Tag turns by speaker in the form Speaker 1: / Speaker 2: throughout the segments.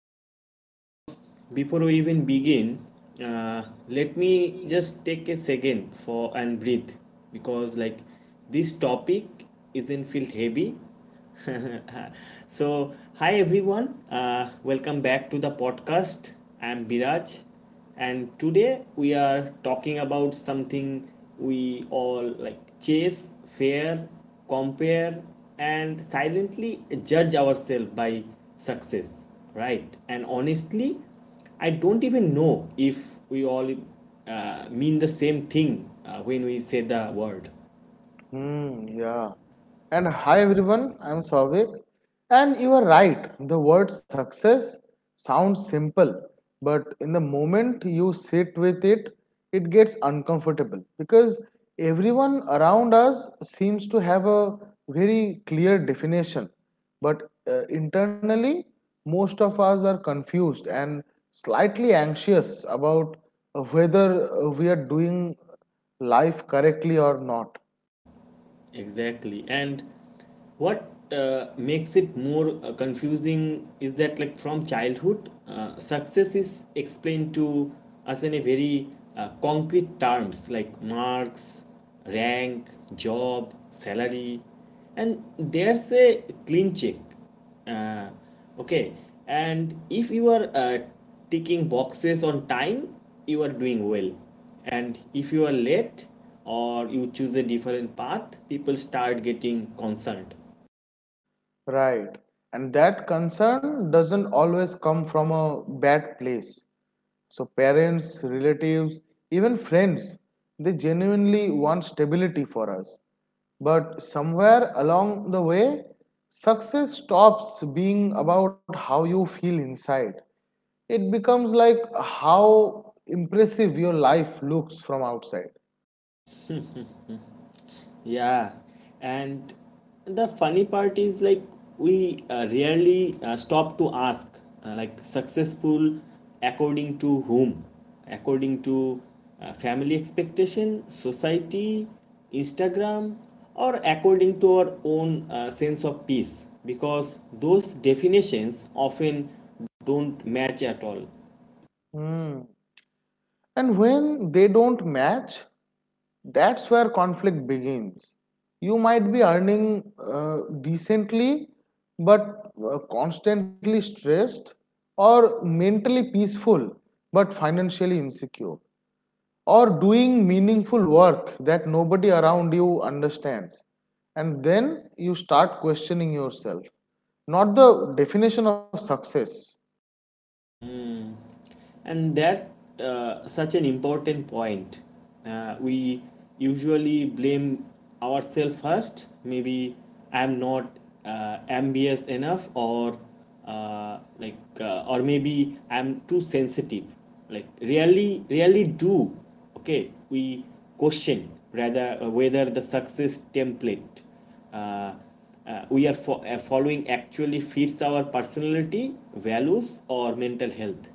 Speaker 1: right, so before we even begin, uh, let me just take a second for and breathe because like this topic isn't felt heavy. So hi everyone, welcome back to the podcast. I'm Biraj, and today we are talking about something we all like chase, fear, compare, and silently judge ourselves by success, right? And honestly, I don't even know if we all mean the same thing when we say the word.
Speaker 2: Hmm, yeah. And hi everyone, I'm Savik. And you are right, the word success sounds simple, but in the moment you sit with it, it gets uncomfortable because everyone around us seems to have a very clear definition. But internally, most of us are confused and slightly anxious about whether we are doing life correctly or not.
Speaker 1: Exactly. And what makes it more confusing is that, like, from childhood, success is explained to us in a very concrete terms like marks, rank, job, salary, and there's a clean check. Uh, okay, and if you are ticking boxes on time, you are doing well. And if you are late or you choose a different path, people start getting concerned.
Speaker 2: Right. And that concern doesn't always come from a bad place. So, parents, relatives, even friends, they genuinely want stability for us. But somewhere along the way, success stops being about how you feel inside. It becomes like how impressive your life looks from outside.
Speaker 1: Yeah, and the funny part is like we rarely stop to ask, like, successful according to whom? According to family expectation, society, Instagram, or according to our own sense of peace? Because those definitions often don't match at all.
Speaker 2: Hmm. And when they don't match, that's where conflict begins. You might be earning decently but constantly stressed, or mentally peaceful but financially insecure, or doing meaningful work that nobody around you understands, and then you start questioning yourself, not the definition of success.
Speaker 1: And that such an important point. We usually blame ourselves first. Maybe I'm not ambitious enough, or or maybe I'm too sensitive, like really do. Okay, we question rather whether the success template uh, we are following actually fits our personality values or mental health.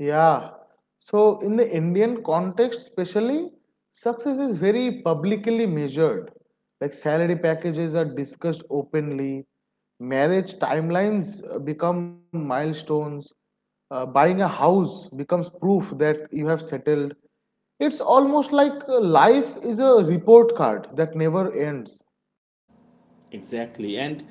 Speaker 2: Yeah. So, in the Indian context especially, success is very publicly measured. Like, salary packages are discussed openly, marriage timelines become milestones, buying a house becomes proof that you have settled. It's almost like life is a report card that never ends.
Speaker 1: Exactly. And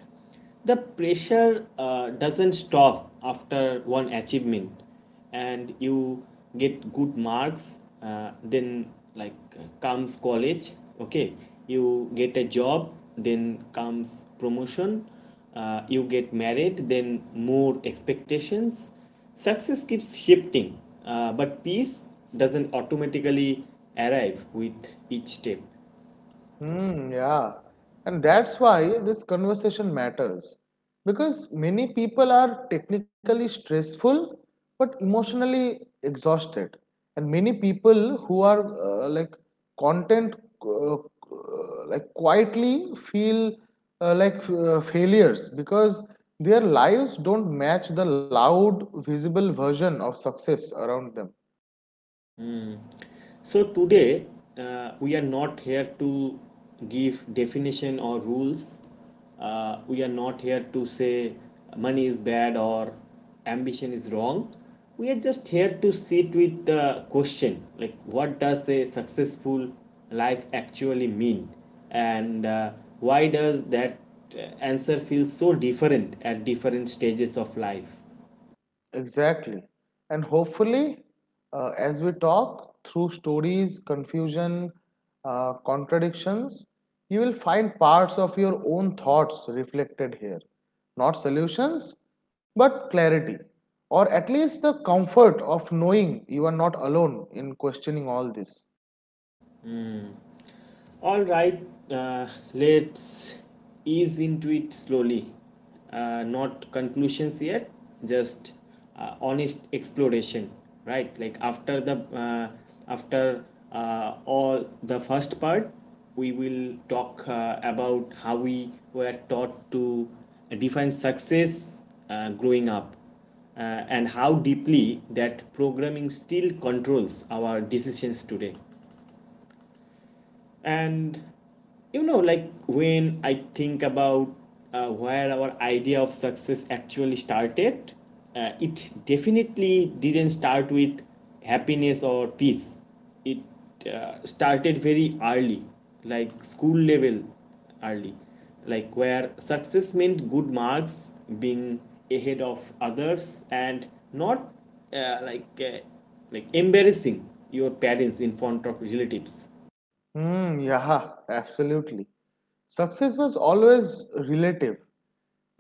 Speaker 1: the pressure doesn't stop after one achievement. And you get good marks, then comes college. Okay, you get a job, then comes promotion. You get married, then more expectations. Success keeps shifting, but peace doesn't automatically arrive with each step.
Speaker 2: Hmm, yeah. And that's why this conversation matters, because many people are technically stressful but emotionally exhausted. And many people who are like content uh, uh, like quietly feel like failures because their lives don't match the loud visible version of success around them.
Speaker 1: So today we are not here to give definition or rules. We are not here to say money is bad or ambition is wrong. We are just here to sit with the question, like, what does a successful life actually mean, and why does that answer feel so different at different stages of life?
Speaker 2: Exactly. And hopefully, as we talk through stories, confusion, contradictions, you will find parts of your own thoughts reflected here. Not solutions, but clarity. Or at least the comfort of knowing you are not alone in questioning all this.
Speaker 1: All right, uh, let's ease into it slowly. Not conclusions yet, just honest exploration, right? Like after the after all the first part, we will talk about how we were taught to define success growing up, uh, and how deeply that programming still controls our decisions today. And you know, like, when I think about where our idea of success actually started, it definitely didn't start with happiness or peace. It started very early, like school level early, like where success meant good marks, being ahead of others, and not uh, like uh, like embarrassing your parents in front of relatives.
Speaker 2: Hmm, yeah, absolutely. Success was always relative.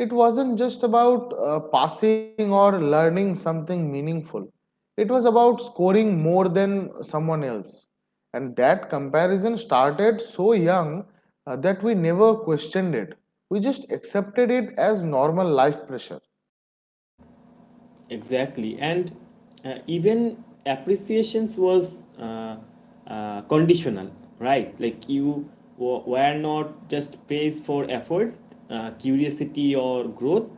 Speaker 2: It wasn't just about passing or learning something meaningful. It was about scoring more than someone else. And that comparison started so young that we never questioned it. We just accepted it as normal life pressure.
Speaker 1: Exactly. And even appreciations was conditional, right? Like, you were not just praised for effort, curiosity or growth.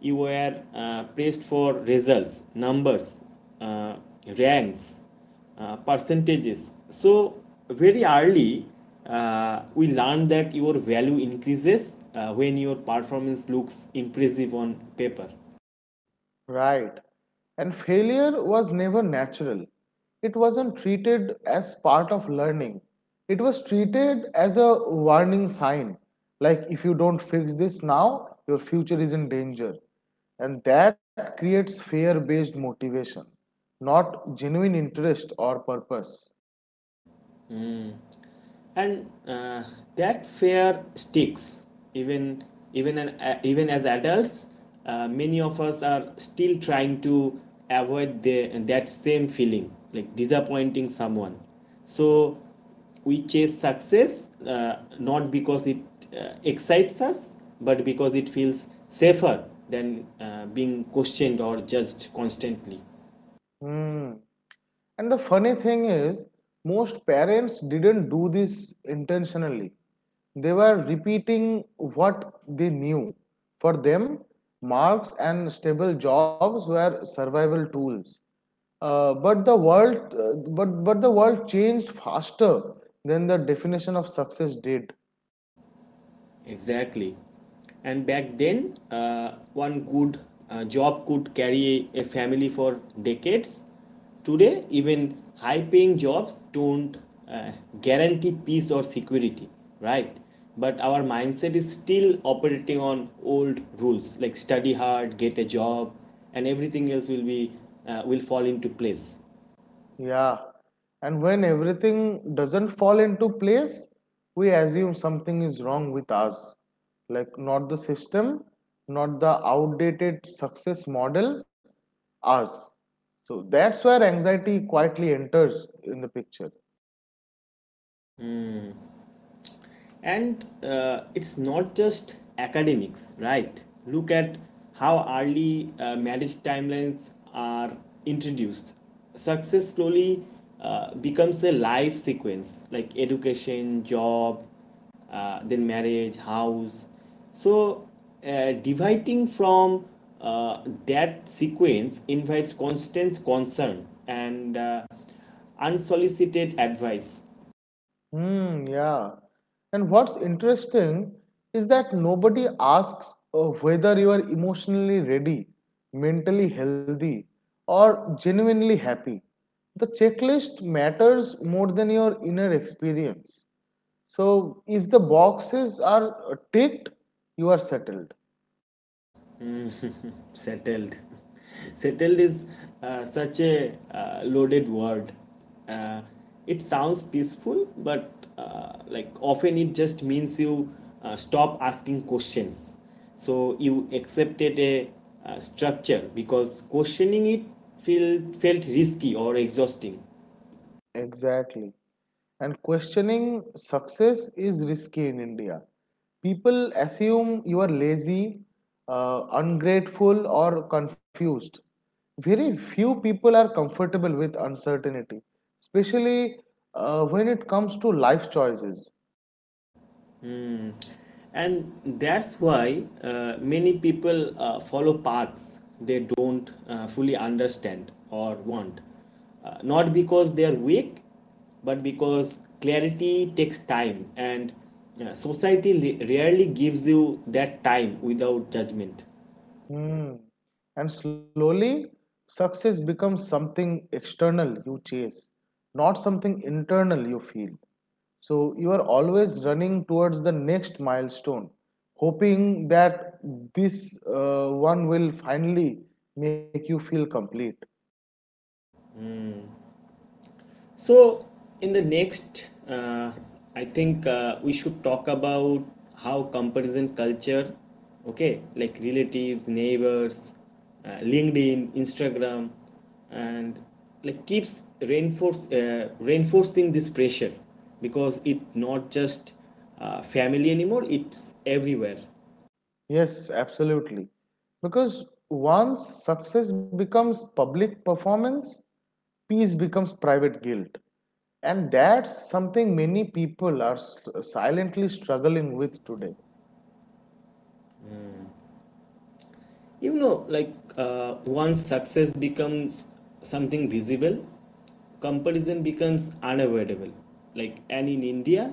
Speaker 1: You were praised for results, numbers, uh, ranks, percentages. So very early we learned that your value increases when your performance looks impressive on paper.
Speaker 2: Right. And failure was never natural. It wasn't treated as part of learning. It was treated as a warning sign. Like, if you don't fix this now, your future is in danger. And that creates fear based motivation, not genuine interest or purpose.
Speaker 1: And that fear sticks even even as adults. Many of us are still trying to avoid that same feeling, like disappointing someone. So we chase success, not because it excites us, but because it feels safer than being questioned or judged constantly.
Speaker 2: Mm. And the funny thing is, most parents didn't do this intentionally. They were repeating what they knew. For them, marks and stable jobs were survival tools. But the world changed faster than the definition of success did.
Speaker 1: Exactly. And back then, one good job could carry a family for decades. Today, even high paying jobs don't uh, guarantee peace or security, right? But our mindset is still operating on old rules, like, study hard, get a job, and everything else will be will fall into place.
Speaker 2: Yeah. And when everything doesn't fall into place, we assume something is wrong with us. Like, not the system, not the outdated success model, us. So that's where anxiety quietly enters in the picture.
Speaker 1: And it's not just academics, right? Look at how early marriage timelines are introduced. Success slowly becomes a life sequence, like education, job, then marriage, house. So, deviating from that sequence invites constant concern and unsolicited advice.
Speaker 2: Hmm, yeah. And what's interesting is that nobody asks whether you are emotionally ready, mentally healthy, or genuinely happy. The checklist matters more than your inner experience. So, if the boxes are ticked, you are settled.
Speaker 1: Settled. Settled is such a loaded word. uh, it sounds peaceful, but like often it just means you stop asking questions. So you accepted a structure because questioning it felt risky or exhausting.
Speaker 2: Exactly. And questioning success is risky in India. People assume you are lazy, ungrateful, or confused. Very few people are comfortable with uncertainty, especially when it comes to life choices.
Speaker 1: Mm. And that's why many people follow paths they don't fully understand or want. Not because they are weak, but because clarity takes time, and society rarely gives you that time without judgment.
Speaker 2: Mm. And slowly, success becomes something external you chase, not something internal you feel. So you are always running towards the next milestone, hoping that this one will finally make you feel complete.
Speaker 1: So, in the next, I think we should talk about how comparison culture, okay, like relatives, neighbors, LinkedIn, Instagram, and like keeps reinforce reinforcing this pressure because it not just family anymore; it's everywhere.
Speaker 2: Yes, absolutely. Because once success becomes public performance, peace becomes private guilt, and that's something many people are silently struggling with today.
Speaker 1: You know, like, once success becomes something visible, comparison becomes unavoidable. Like, and in India,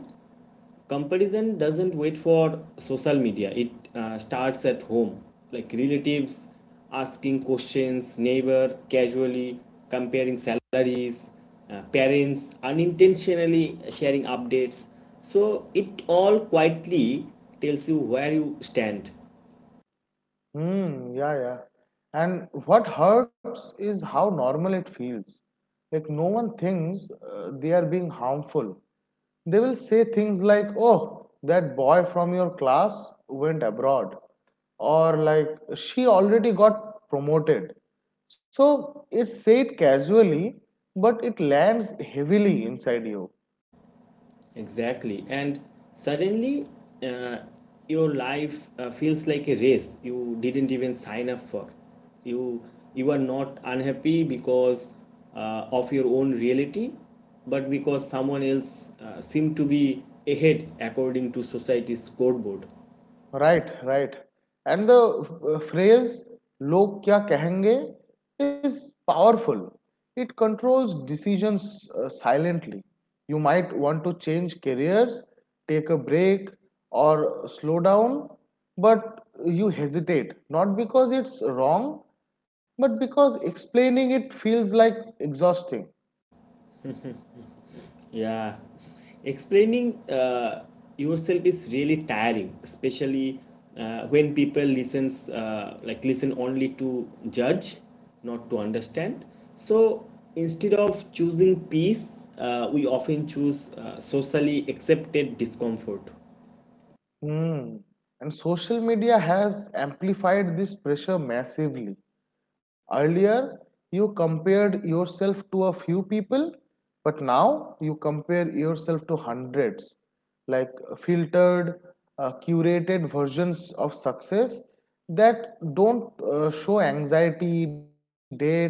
Speaker 1: comparison doesn't wait for social media. It starts at home, like relatives asking questions, neighbor casually comparing salaries, parents unintentionally sharing updates. So it all quietly tells you where you stand.
Speaker 2: Hmm, yeah, yeah. And what hurts is how normal it feels. Like, no one thinks they are being harmful. They will say things like, oh, that boy from your class went abroad, or like, she already got promoted. So it's said casually, but it lands heavily inside you.
Speaker 1: Exactly. And suddenly, uh, your life feels like a race you didn't even sign up for. You you are not unhappy because of your own reality, but because someone else seemed to be ahead according to society's scoreboard.
Speaker 2: Right, right. And the phrase "log kya kahenge" is powerful. It controls decisions silently. You might want to change careers, take a break, or slow down, but you hesitate not because it's wrong, but because explaining it feels like exhausting.
Speaker 1: Yeah, explaining yourself is really tiring, especially when people listen only to judge, not to understand. So instead of choosing peace, we often choose socially accepted discomfort.
Speaker 2: Hmm. And social media has amplified this pressure massively. Earlier, you compared yourself to a few people, but now you compare yourself to hundreds. Like, filtered, curated versions of success that don't show anxiety, date,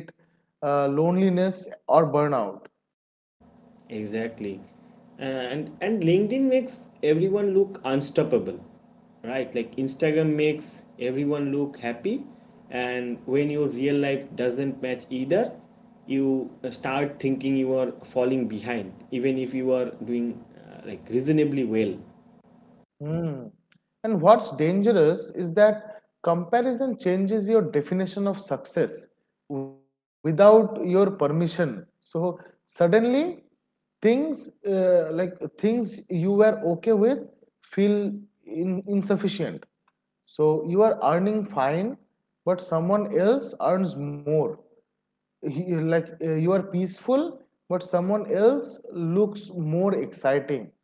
Speaker 2: loneliness, or burnout.
Speaker 1: Exactly. And LinkedIn makes everyone look unstoppable. Right? Like Instagram makes everyone look happy, and when your real life doesn't match either, you start thinking you are falling behind even if you are doing like reasonably well.
Speaker 2: Mm. And what's dangerous is that comparison changes your definition of success without your permission. So suddenly, things you were okay with feel insufficient. So you are earning fine, but someone else earns more. You are peaceful, but someone else looks more exciting.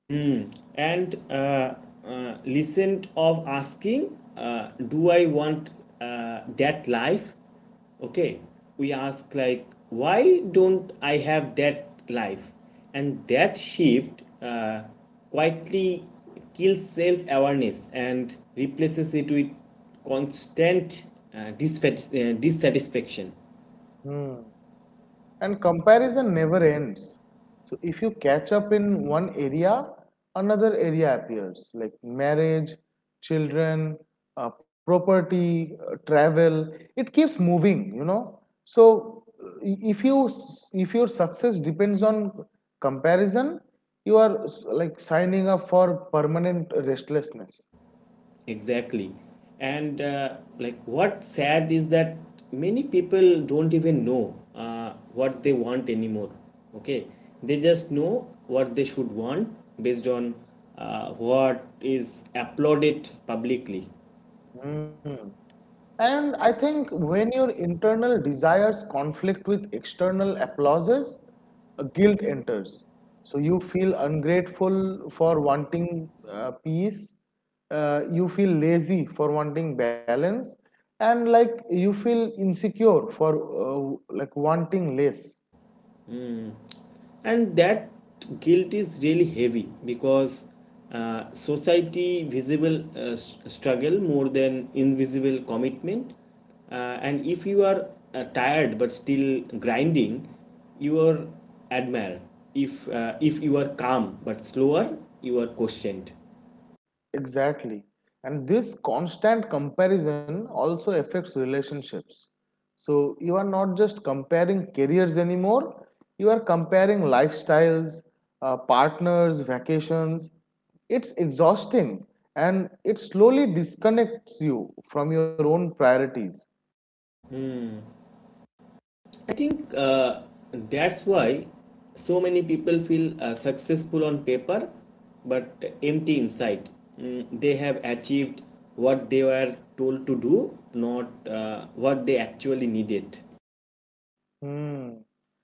Speaker 1: Mm. And listened of asking, do I want that life? Okay, we ask, like, why don't I have that life? And that shift quietly kills self awareness and replaces it with constant uh, dissatisfaction.
Speaker 2: Hmm. And comparison never ends, so if you catch up in one area, another area appears, like marriage, children, property, travel. It keeps moving, you know. So if you if your success depends on comparison, you are like signing up for permanent restlessness.
Speaker 1: Exactly. And like what sad is that many people don't even know what they want anymore. Okay. They just know what they should want based on what is applauded publicly.
Speaker 2: Mm. And I think when your internal desires conflict with external applauses, guilt enters. So you feel ungrateful for wanting peace, you feel lazy for wanting balance, and like you feel insecure for like wanting less.
Speaker 1: And that guilt is really heavy because society visible struggle more than invisible commitment. uh, and if you are tired but still grinding, you are admired. If you are calm but slower, you are questioned.
Speaker 2: Exactly. And this constant comparison also affects relationships. So you are not just comparing careers anymore, you are comparing lifestyles, partners, vacations. It's exhausting and it slowly disconnects you from your own priorities.
Speaker 1: I think that's why so many people feel successful on paper but empty inside. Mm, they have achieved what they were told to do, not what they actually needed.
Speaker 2: Hmm.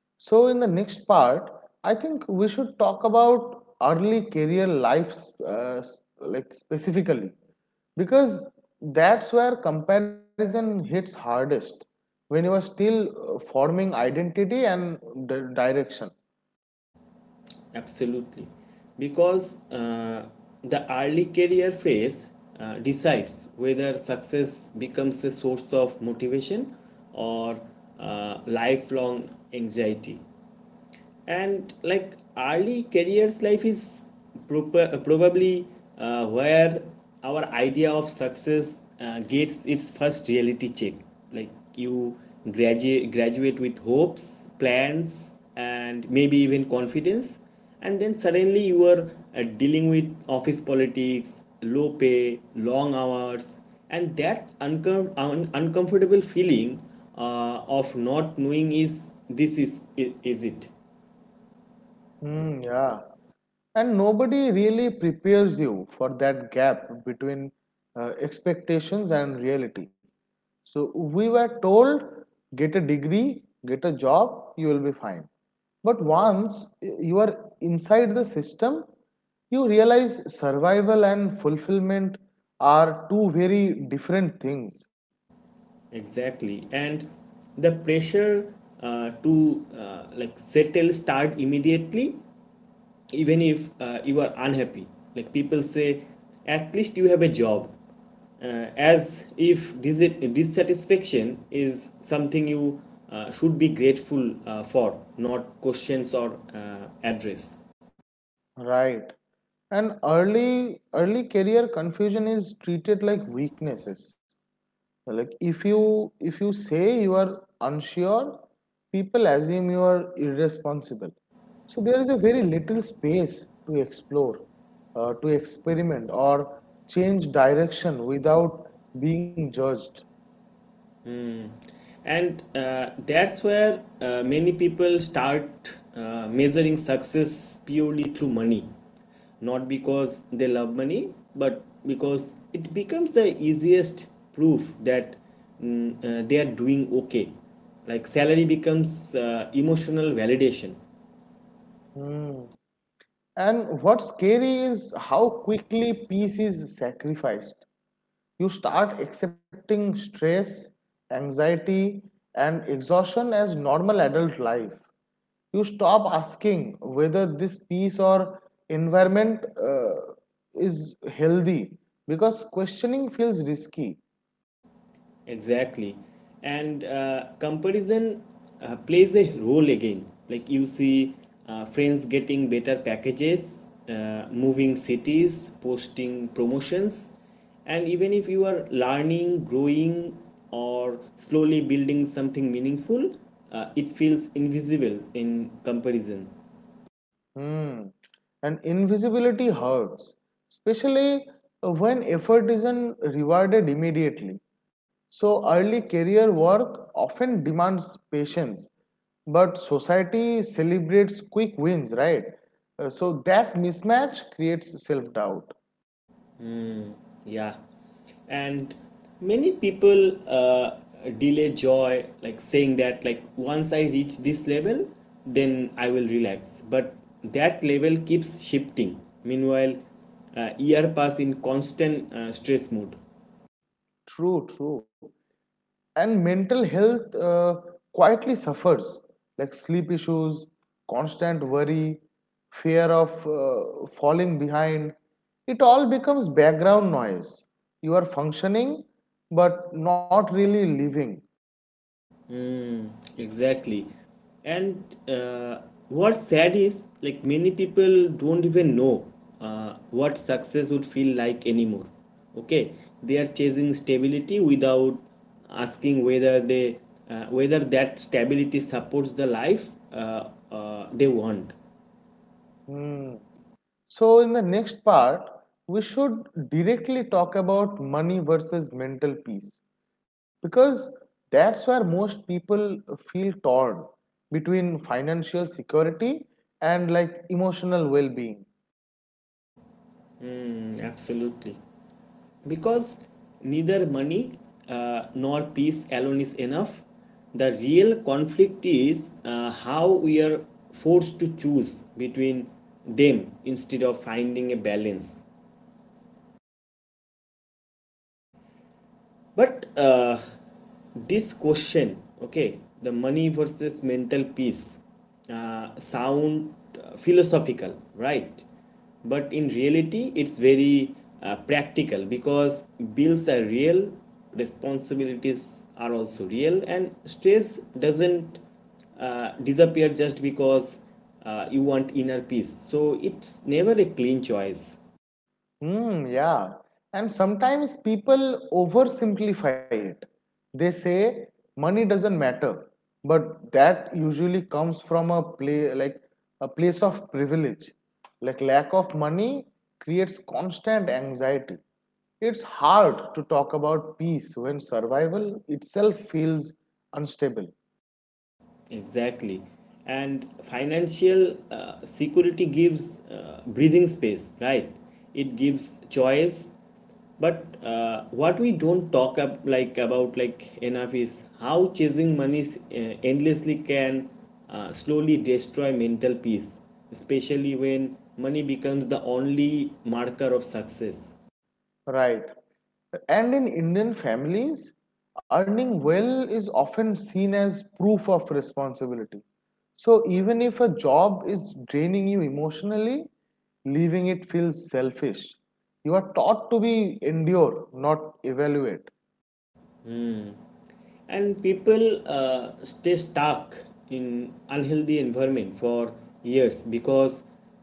Speaker 2: So, in the next part, I think we should talk about early career life, uh, like specifically, because that's where comparison hits hardest when you are still forming identity and direction.
Speaker 1: Absolutely. Because the early career phase decides whether success becomes a source of motivation or lifelong anxiety. And like early careers life is probably where our idea of success gets its first reality check. Like, you graduate with hopes, plans, and maybe even confidence, and then suddenly you are dealing with office politics, low pay, long hours, and that uncomfortable feeling of not knowing, is this is it?
Speaker 2: Hmm, yeah. And nobody really prepares you for that gap between expectations and reality. So we were told, get a degree, get a job, you will be fine. But once you are inside the system, you realize survival and fulfillment are two very different things,
Speaker 1: Exactly, and the pressure to like settle start immediately, even if you are unhappy. Like people say, at least you have a job, as if dissatisfaction is something you should be grateful for, not questions or address.
Speaker 2: right? And early career confusion is treated like weaknesses. Like, if you say you are unsure, people assume you are irresponsible, so there is a very little space to explore, to experiment or change direction without being judged.
Speaker 1: And that's where many people start measuring success purely through money, not because they love money, but because it becomes the easiest proof that they are doing okay. Like salary becomes emotional validation.
Speaker 2: Hmm. And what's scary is how quickly peace is sacrificed. You start accepting stress, anxiety, and exhaustion as normal adult life. You stop asking whether this piece or environment is healthy because questioning feels risky.
Speaker 1: Exactly. And comparison plays a role again. Like, you see friends getting better packages, moving cities, posting promotions. And even if you are learning, growing, or slowly building something meaningful, it feels invisible in comparison.
Speaker 2: Hmm. And invisibility hurts, especially when effort isn't rewarded immediately. So, early career work often demands patience, but society celebrates quick wins, right? So, that mismatch creates self doubt.
Speaker 1: Yeah, and many people delay joy, like saying that, like, once I reach this level, then I will relax. But that level keeps shifting. Meanwhile, year pass in constant stress mood.
Speaker 2: True, true. And mental health quietly suffers, like sleep issues, constant worry, fear of falling behind. It all becomes background noise. You are functioning, but not really living.
Speaker 1: Mm, exactly. And uh, what's sad is, like, many people don't even know what success would feel like anymore. Okay, they are chasing stability without asking whether they whether that stability supports the life they want.
Speaker 2: Hmm. So, in the next part, we should directly talk about money versus mental peace, because that's where most people feel torn between financial security and like emotional well being.
Speaker 1: Mm, absolutely. Because neither money nor peace alone is enough, the real conflict is how we are forced to choose between them instead of finding a balance. But this question, okay, the money versus mental peace, sound philosophical, right? But in reality, it's very practical because bills are real, responsibilities are also real, and stress doesn't disappear just because you want inner peace. So it's never a clean choice.
Speaker 2: Hmm, yeah. And sometimes people oversimplify it. They say money doesn't matter, but that usually comes from a place of privilege. Like, lack of money creates constant anxiety. It's hard to talk about peace when survival itself feels unstable.
Speaker 1: Exactly. And financial security gives breathing space, right? It gives choice. But what we don't talk up like about like enough is how chasing money endlessly can slowly destroy mental peace, especially when money becomes the only marker of success.
Speaker 2: Right. And in Indian families, earning well is often seen as proof of responsibility. So even if a job is draining you emotionally, leaving it feels selfish. You are taught to be endure, not evaluate.
Speaker 1: And people stay stuck in unhealthy environment for years because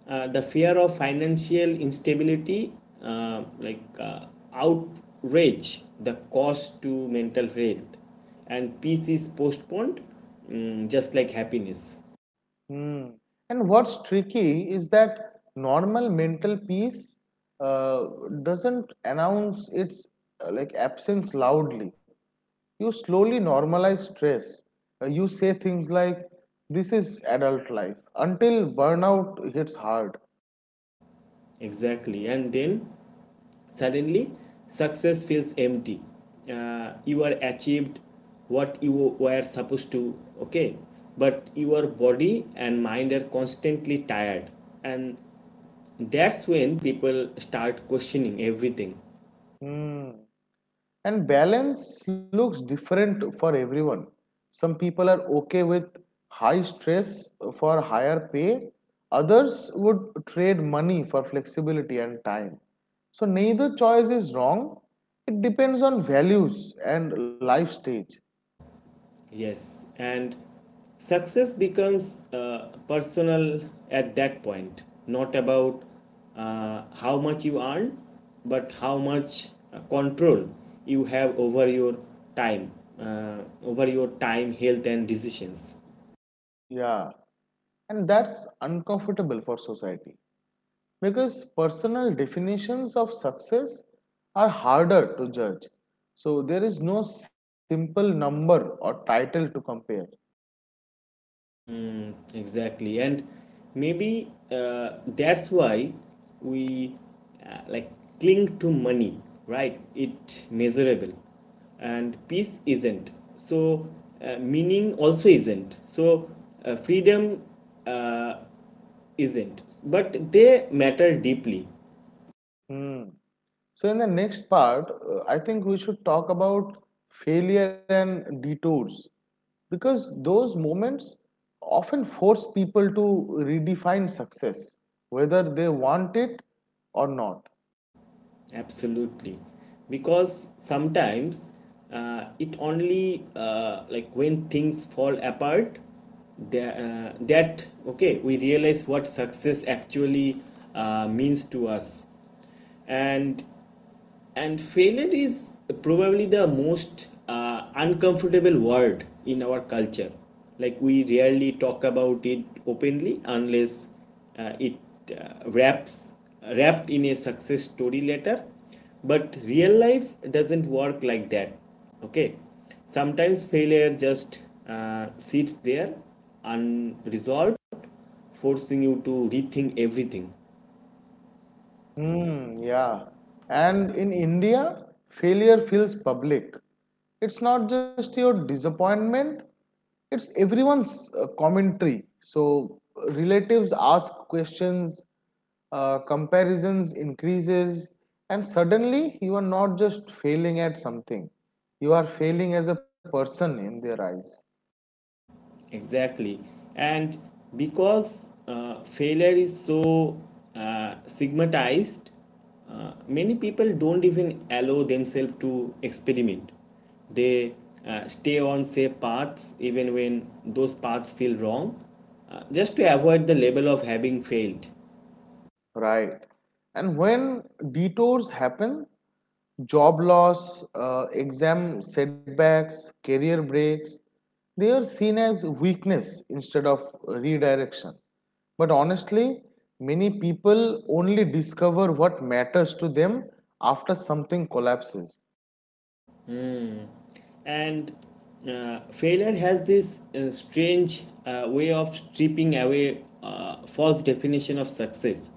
Speaker 1: the fear of financial instability, uh, like uh, outrage the cost to mental health and peace is postponed, just like happiness.
Speaker 2: Hmm. And what's tricky is that normal mental peace uh, doesn't announce its absence loudly. You slowly normalize stress. You say things like, "This is adult life," until burnout hits hard.
Speaker 1: Exactly, and then suddenly success feels empty. You are achieved what you were supposed to, okay? But your body and mind are constantly tired. And that's when people start questioning everything.
Speaker 2: Hmm. And balance looks different for everyone. Some people are okay with high stress for higher pay, others would trade money for flexibility and time. So, neither choice is wrong, it depends on values and life stage.
Speaker 1: Yes, and success becomes personal at that point, not about how much you earn, but how much control you have over your time, over your time, health, and decisions.
Speaker 2: Yeah, and that's uncomfortable for society because personal definitions of success are harder to judge. So, there is no simple number or title to compare.
Speaker 1: Exactly, and maybe that's why we uh, like cling to money, right? It measurable, and peace isn't. So meaning also isn't. So freedom uh, isn't. But they matter deeply.
Speaker 2: Hmm. So, in the next part, I think we should talk about failure and detours, because those moments often force people to redefine success, whether they want it or not.
Speaker 1: Absolutely. Because sometimes it only when things fall apart that, that okay we realize what success actually means to us, and and failure is probably the most uncomfortable word in our culture. Like we rarely talk about it openly unless it wraps wrapped in a success story letter. But real life doesn't work like that. Okay, sometimes failure just sits there unresolved, forcing you to rethink everything.
Speaker 2: Hmm, yeah. And in India, failure feels public. It's not just your disappointment, it's everyone's commentary. So relatives ask questions, comparisons increases, and suddenly you are not just failing at something, you are failing as a person in their eyes.
Speaker 1: Exactly. And because failure is so stigmatized, many people don't even allow themselves to experiment. They stay on safe paths even when those paths feel wrong, just to avoid the label of having failed.
Speaker 2: Right. And when detours happen, job loss, exam setbacks, career breaks, they are seen as weakness instead of redirection. But honestly, many people only discover what matters to them after something collapses.
Speaker 1: And failure has this strange way of stripping away false definition of success.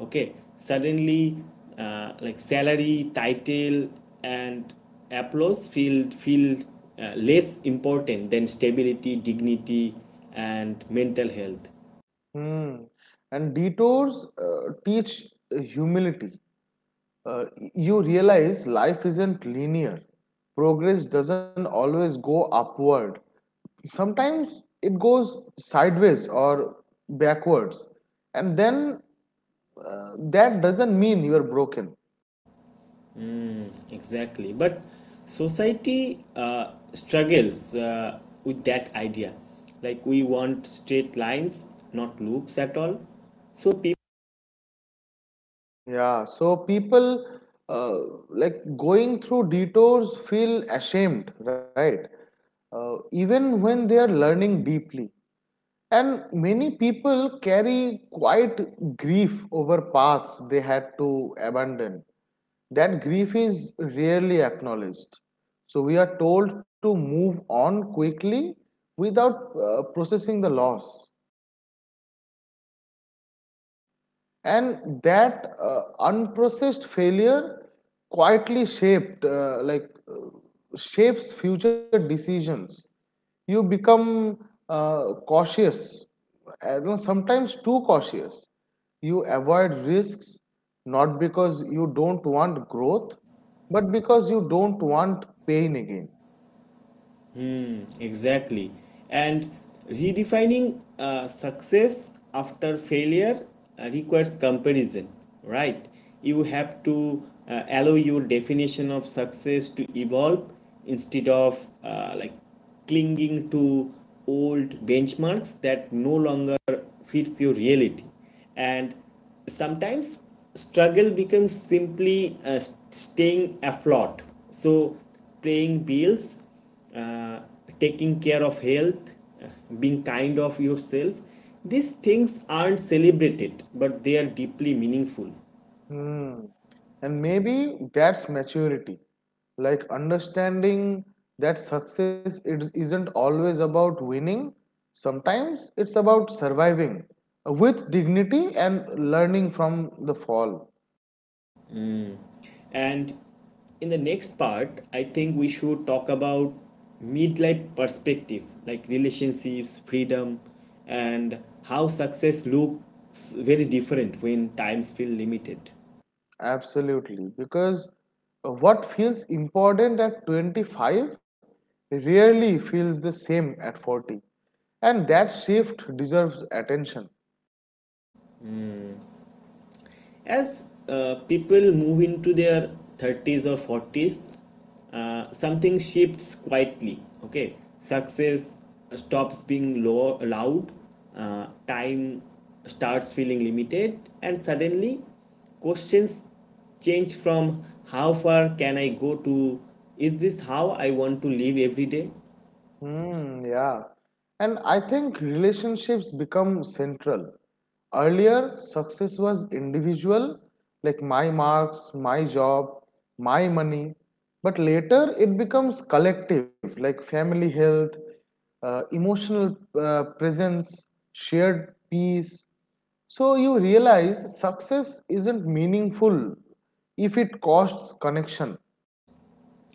Speaker 1: Okay, suddenly, salary, title, and applause feel less important than stability, dignity, and mental health.
Speaker 2: Hmm. And detours teach humility. uh, you realize life isn't linear. Progress doesn't always go upward. Sometimes it goes sideways or backwards. And then That doesn't mean you're broken.
Speaker 1: Exactly. But society struggles with that idea. Like we want straight lines, not loops at all. So people.
Speaker 2: Yeah, so people uh, like going through detours feel ashamed, right? Even when they are learning deeply. And many people carry quite grief over paths they had to abandon. That grief is rarely acknowledged. So we are told to move on quickly without processing the loss. And that unprocessed failure quietly shaped like shapes future decisions. You become cautious, you know, sometimes too cautious. You avoid risks, not because you don't want growth, but because you don't want pain again.
Speaker 1: Exactly. And redefining success after failure requires comparison, right? You have to allow your definition of success to evolve instead of clinging to old benchmarks that no longer fits your reality. And sometimes struggle becomes simply staying afloat. So paying bills, uh, taking care of health, uh, being kind of yourself. These things aren't celebrated, but they are deeply meaningful.
Speaker 2: Hmm. And maybe that's maturity. Like, understanding that success it isn't always about winning. Sometimes it's about surviving with dignity and learning from the fall.
Speaker 1: And in the next part, I think we should talk about midlife perspective, like relationships, freedom, and how success looks very different when times feel limited.
Speaker 2: Absolutely. Because what feels important at 25 rarely feels the same at 40. And that shift deserves attention.
Speaker 1: As people move into their 30s or 40s, something shifts quietly. Okay, success stops being low, loud. Time starts feeling limited, and suddenly questions change from how far can I go to is this how I want to live every day.
Speaker 2: Mm, yeah. And I think relationships become central. Earlier, success was individual, like my marks, my job, my money. But later, it becomes collective, like family health, emotional presence, shared peace. So you realize success isn't meaningful if it costs connection.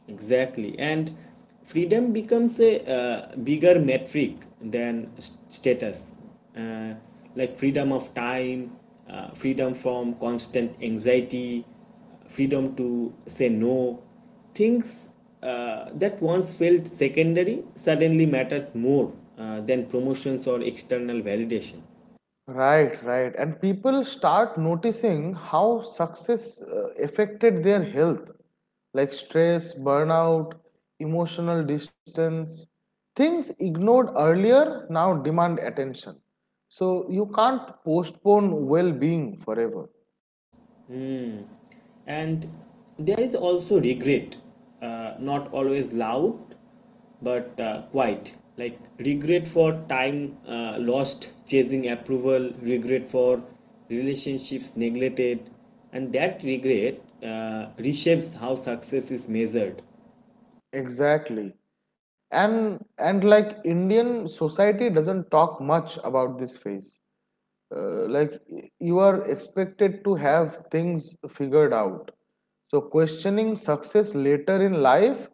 Speaker 1: Exactly. And freedom becomes a bigger metric than status, uh, freedom of time, freedom from constant anxiety, freedom to say no. Things that once felt secondary suddenly matters more than promotions or external validation.
Speaker 2: Right, right. And people start noticing how success affected their health, like stress, burnout, emotional distance. Things ignored earlier now demand attention. So you can't postpone well-being forever.
Speaker 1: And there is also regret, not always loud, but quiet. Like regret for time lost chasing approval, regret for relationships neglected, and that regret reshapes how success is measured.
Speaker 2: Exactly. And like Indian society doesn't talk much about this phase. Like, you are expected to have things figured out, so questioning success later in life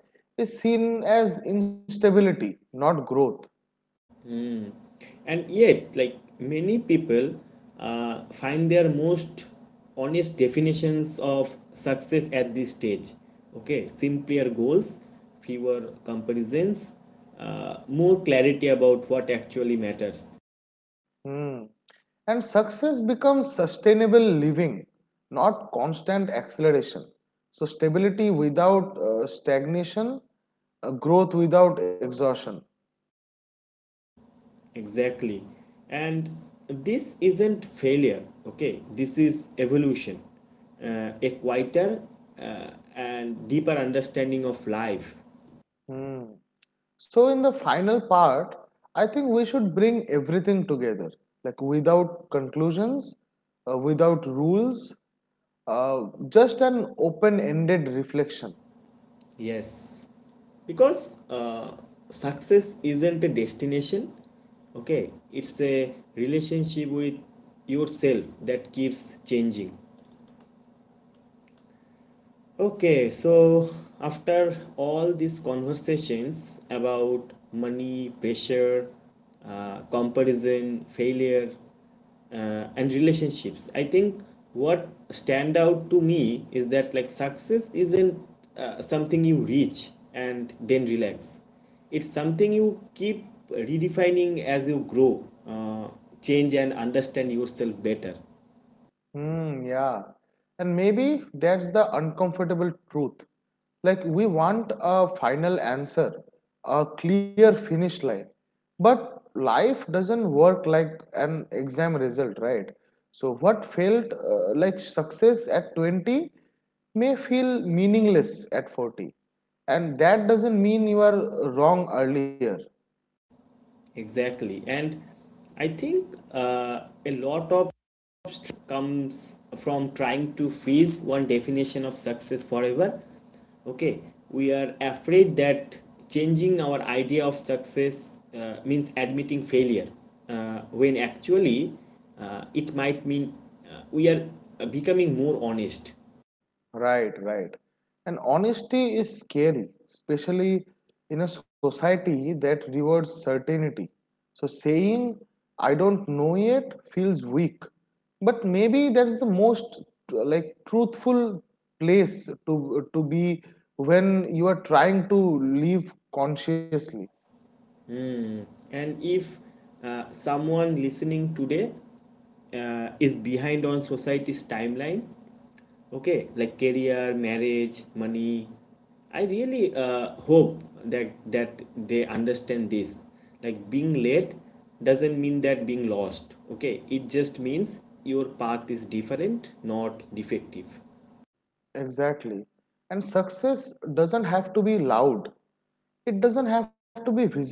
Speaker 2: is seen as instability, not growth.
Speaker 1: And yet, like many people find their most honest definitions of success at this stage. Okay, simpler goals, fewer comparisons, more clarity about what actually matters.
Speaker 2: Hmm. And success becomes sustainable living, not constant acceleration, so stability without stagnation, growth without exhaustion.
Speaker 1: Exactly, and this isn't failure. Okay, this is evolution, a quieter and deeper understanding of life.
Speaker 2: Hmm. So, in the final part, I think we should bring everything together, like without conclusions, without rules, just an open ended reflection.
Speaker 1: Yes, because success isn't a destination, okay? It's a relationship with yourself that keeps changing. Okay, so after all these conversations about money, pressure, comparison, failure, and relationships, I think what stand out to me is that like success isn't something you reach and then relax. It's something you keep redefining as you grow, change, and understand yourself better.
Speaker 2: Hmm, yeah. And maybe that's the uncomfortable truth. Like, we want a final answer, a clear finish line. But life doesn't work like an exam result, right? So, what felt like success at 20 may feel meaningless at 40. And that doesn't mean you are wrong earlier.
Speaker 1: Exactly, and I think a lot of comes from trying to freeze one definition of success forever. Okay, we are afraid that changing our idea of success means admitting failure when actually it might mean we are becoming more honest.
Speaker 2: Right, right. And honesty is scary, especially in a society that rewards certainty. So saying, I don't know yet, feels weak. But maybe that's the most like truthful place to be when you are trying to live consciously.
Speaker 1: And if someone listening today is behind on society's timeline, okay, like career, marriage, money, I really hope that they understand this, like being late doesn't mean that being lost. Okay, it just means your path is different, not defective.
Speaker 2: Exactly. And success doesn't have to be loud. It doesn't have to be visible.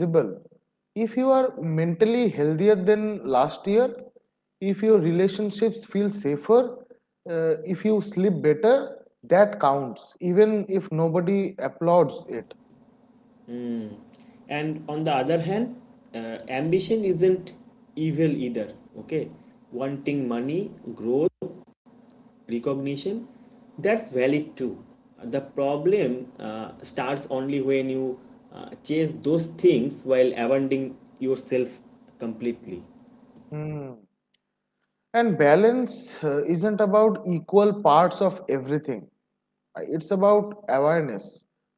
Speaker 2: If you are mentally healthier than last year, if your relationships feel safer, if you sleep better, that counts even if nobody applauds it.
Speaker 1: And on the other hand, ambition isn't evil either. Okay, wanting money, growth, recognition, that's valid too. The problem starts only when you chase those things while abandoning yourself completely.
Speaker 2: Hmm. And balance isn't about equal parts of everything. It's about awareness,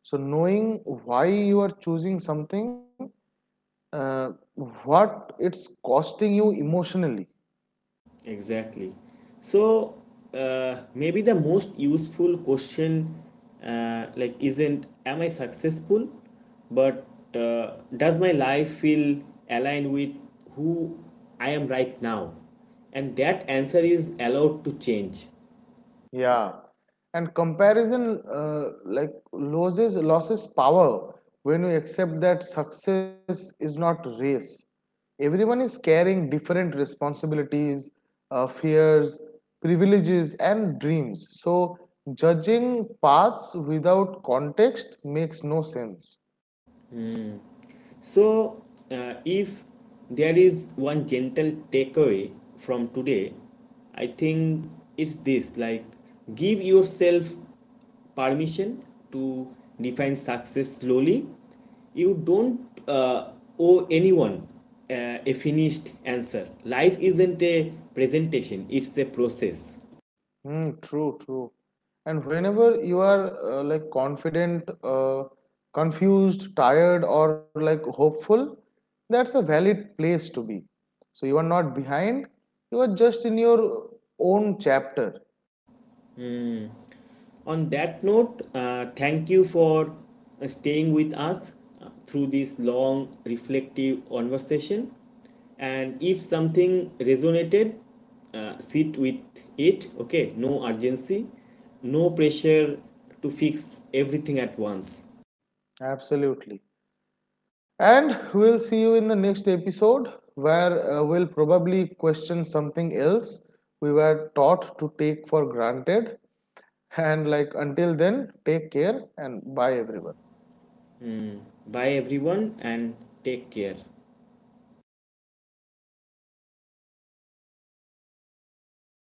Speaker 2: so knowing why you are choosing something, uh, what it's costing you emotionally.
Speaker 1: Exactly, so maybe the most useful question isn't am I successful, but does my life feel aligned with who I am right now, and that answer is allowed to change.
Speaker 2: Yeah, and comparison like loses power when we accept that success is not race. Everyone is carrying different responsibilities, fears, privileges, and dreams. So judging paths without context makes no sense.
Speaker 1: So, if there is one gentle takeaway from today, I think it's this, like give yourself permission to define success slowly. You don't uh, owe anyone a finished answer. Life isn't a presentation, it's a process.
Speaker 2: Mm, true, true. And whenever you are like confident, confused, tired, or like hopeful, that's a valid place to be. So you are not behind, you are just in your own chapter.
Speaker 1: On that note, thank you for staying with us through this long, reflective conversation. And if something resonated, sit with it, okay? No urgency, no pressure to fix everything at once.
Speaker 2: Absolutely. And we'll see you in the next episode where we'll probably question something else we were taught to take for granted. And like, until then, take care and bye everyone.
Speaker 1: Bye, everyone, and take care.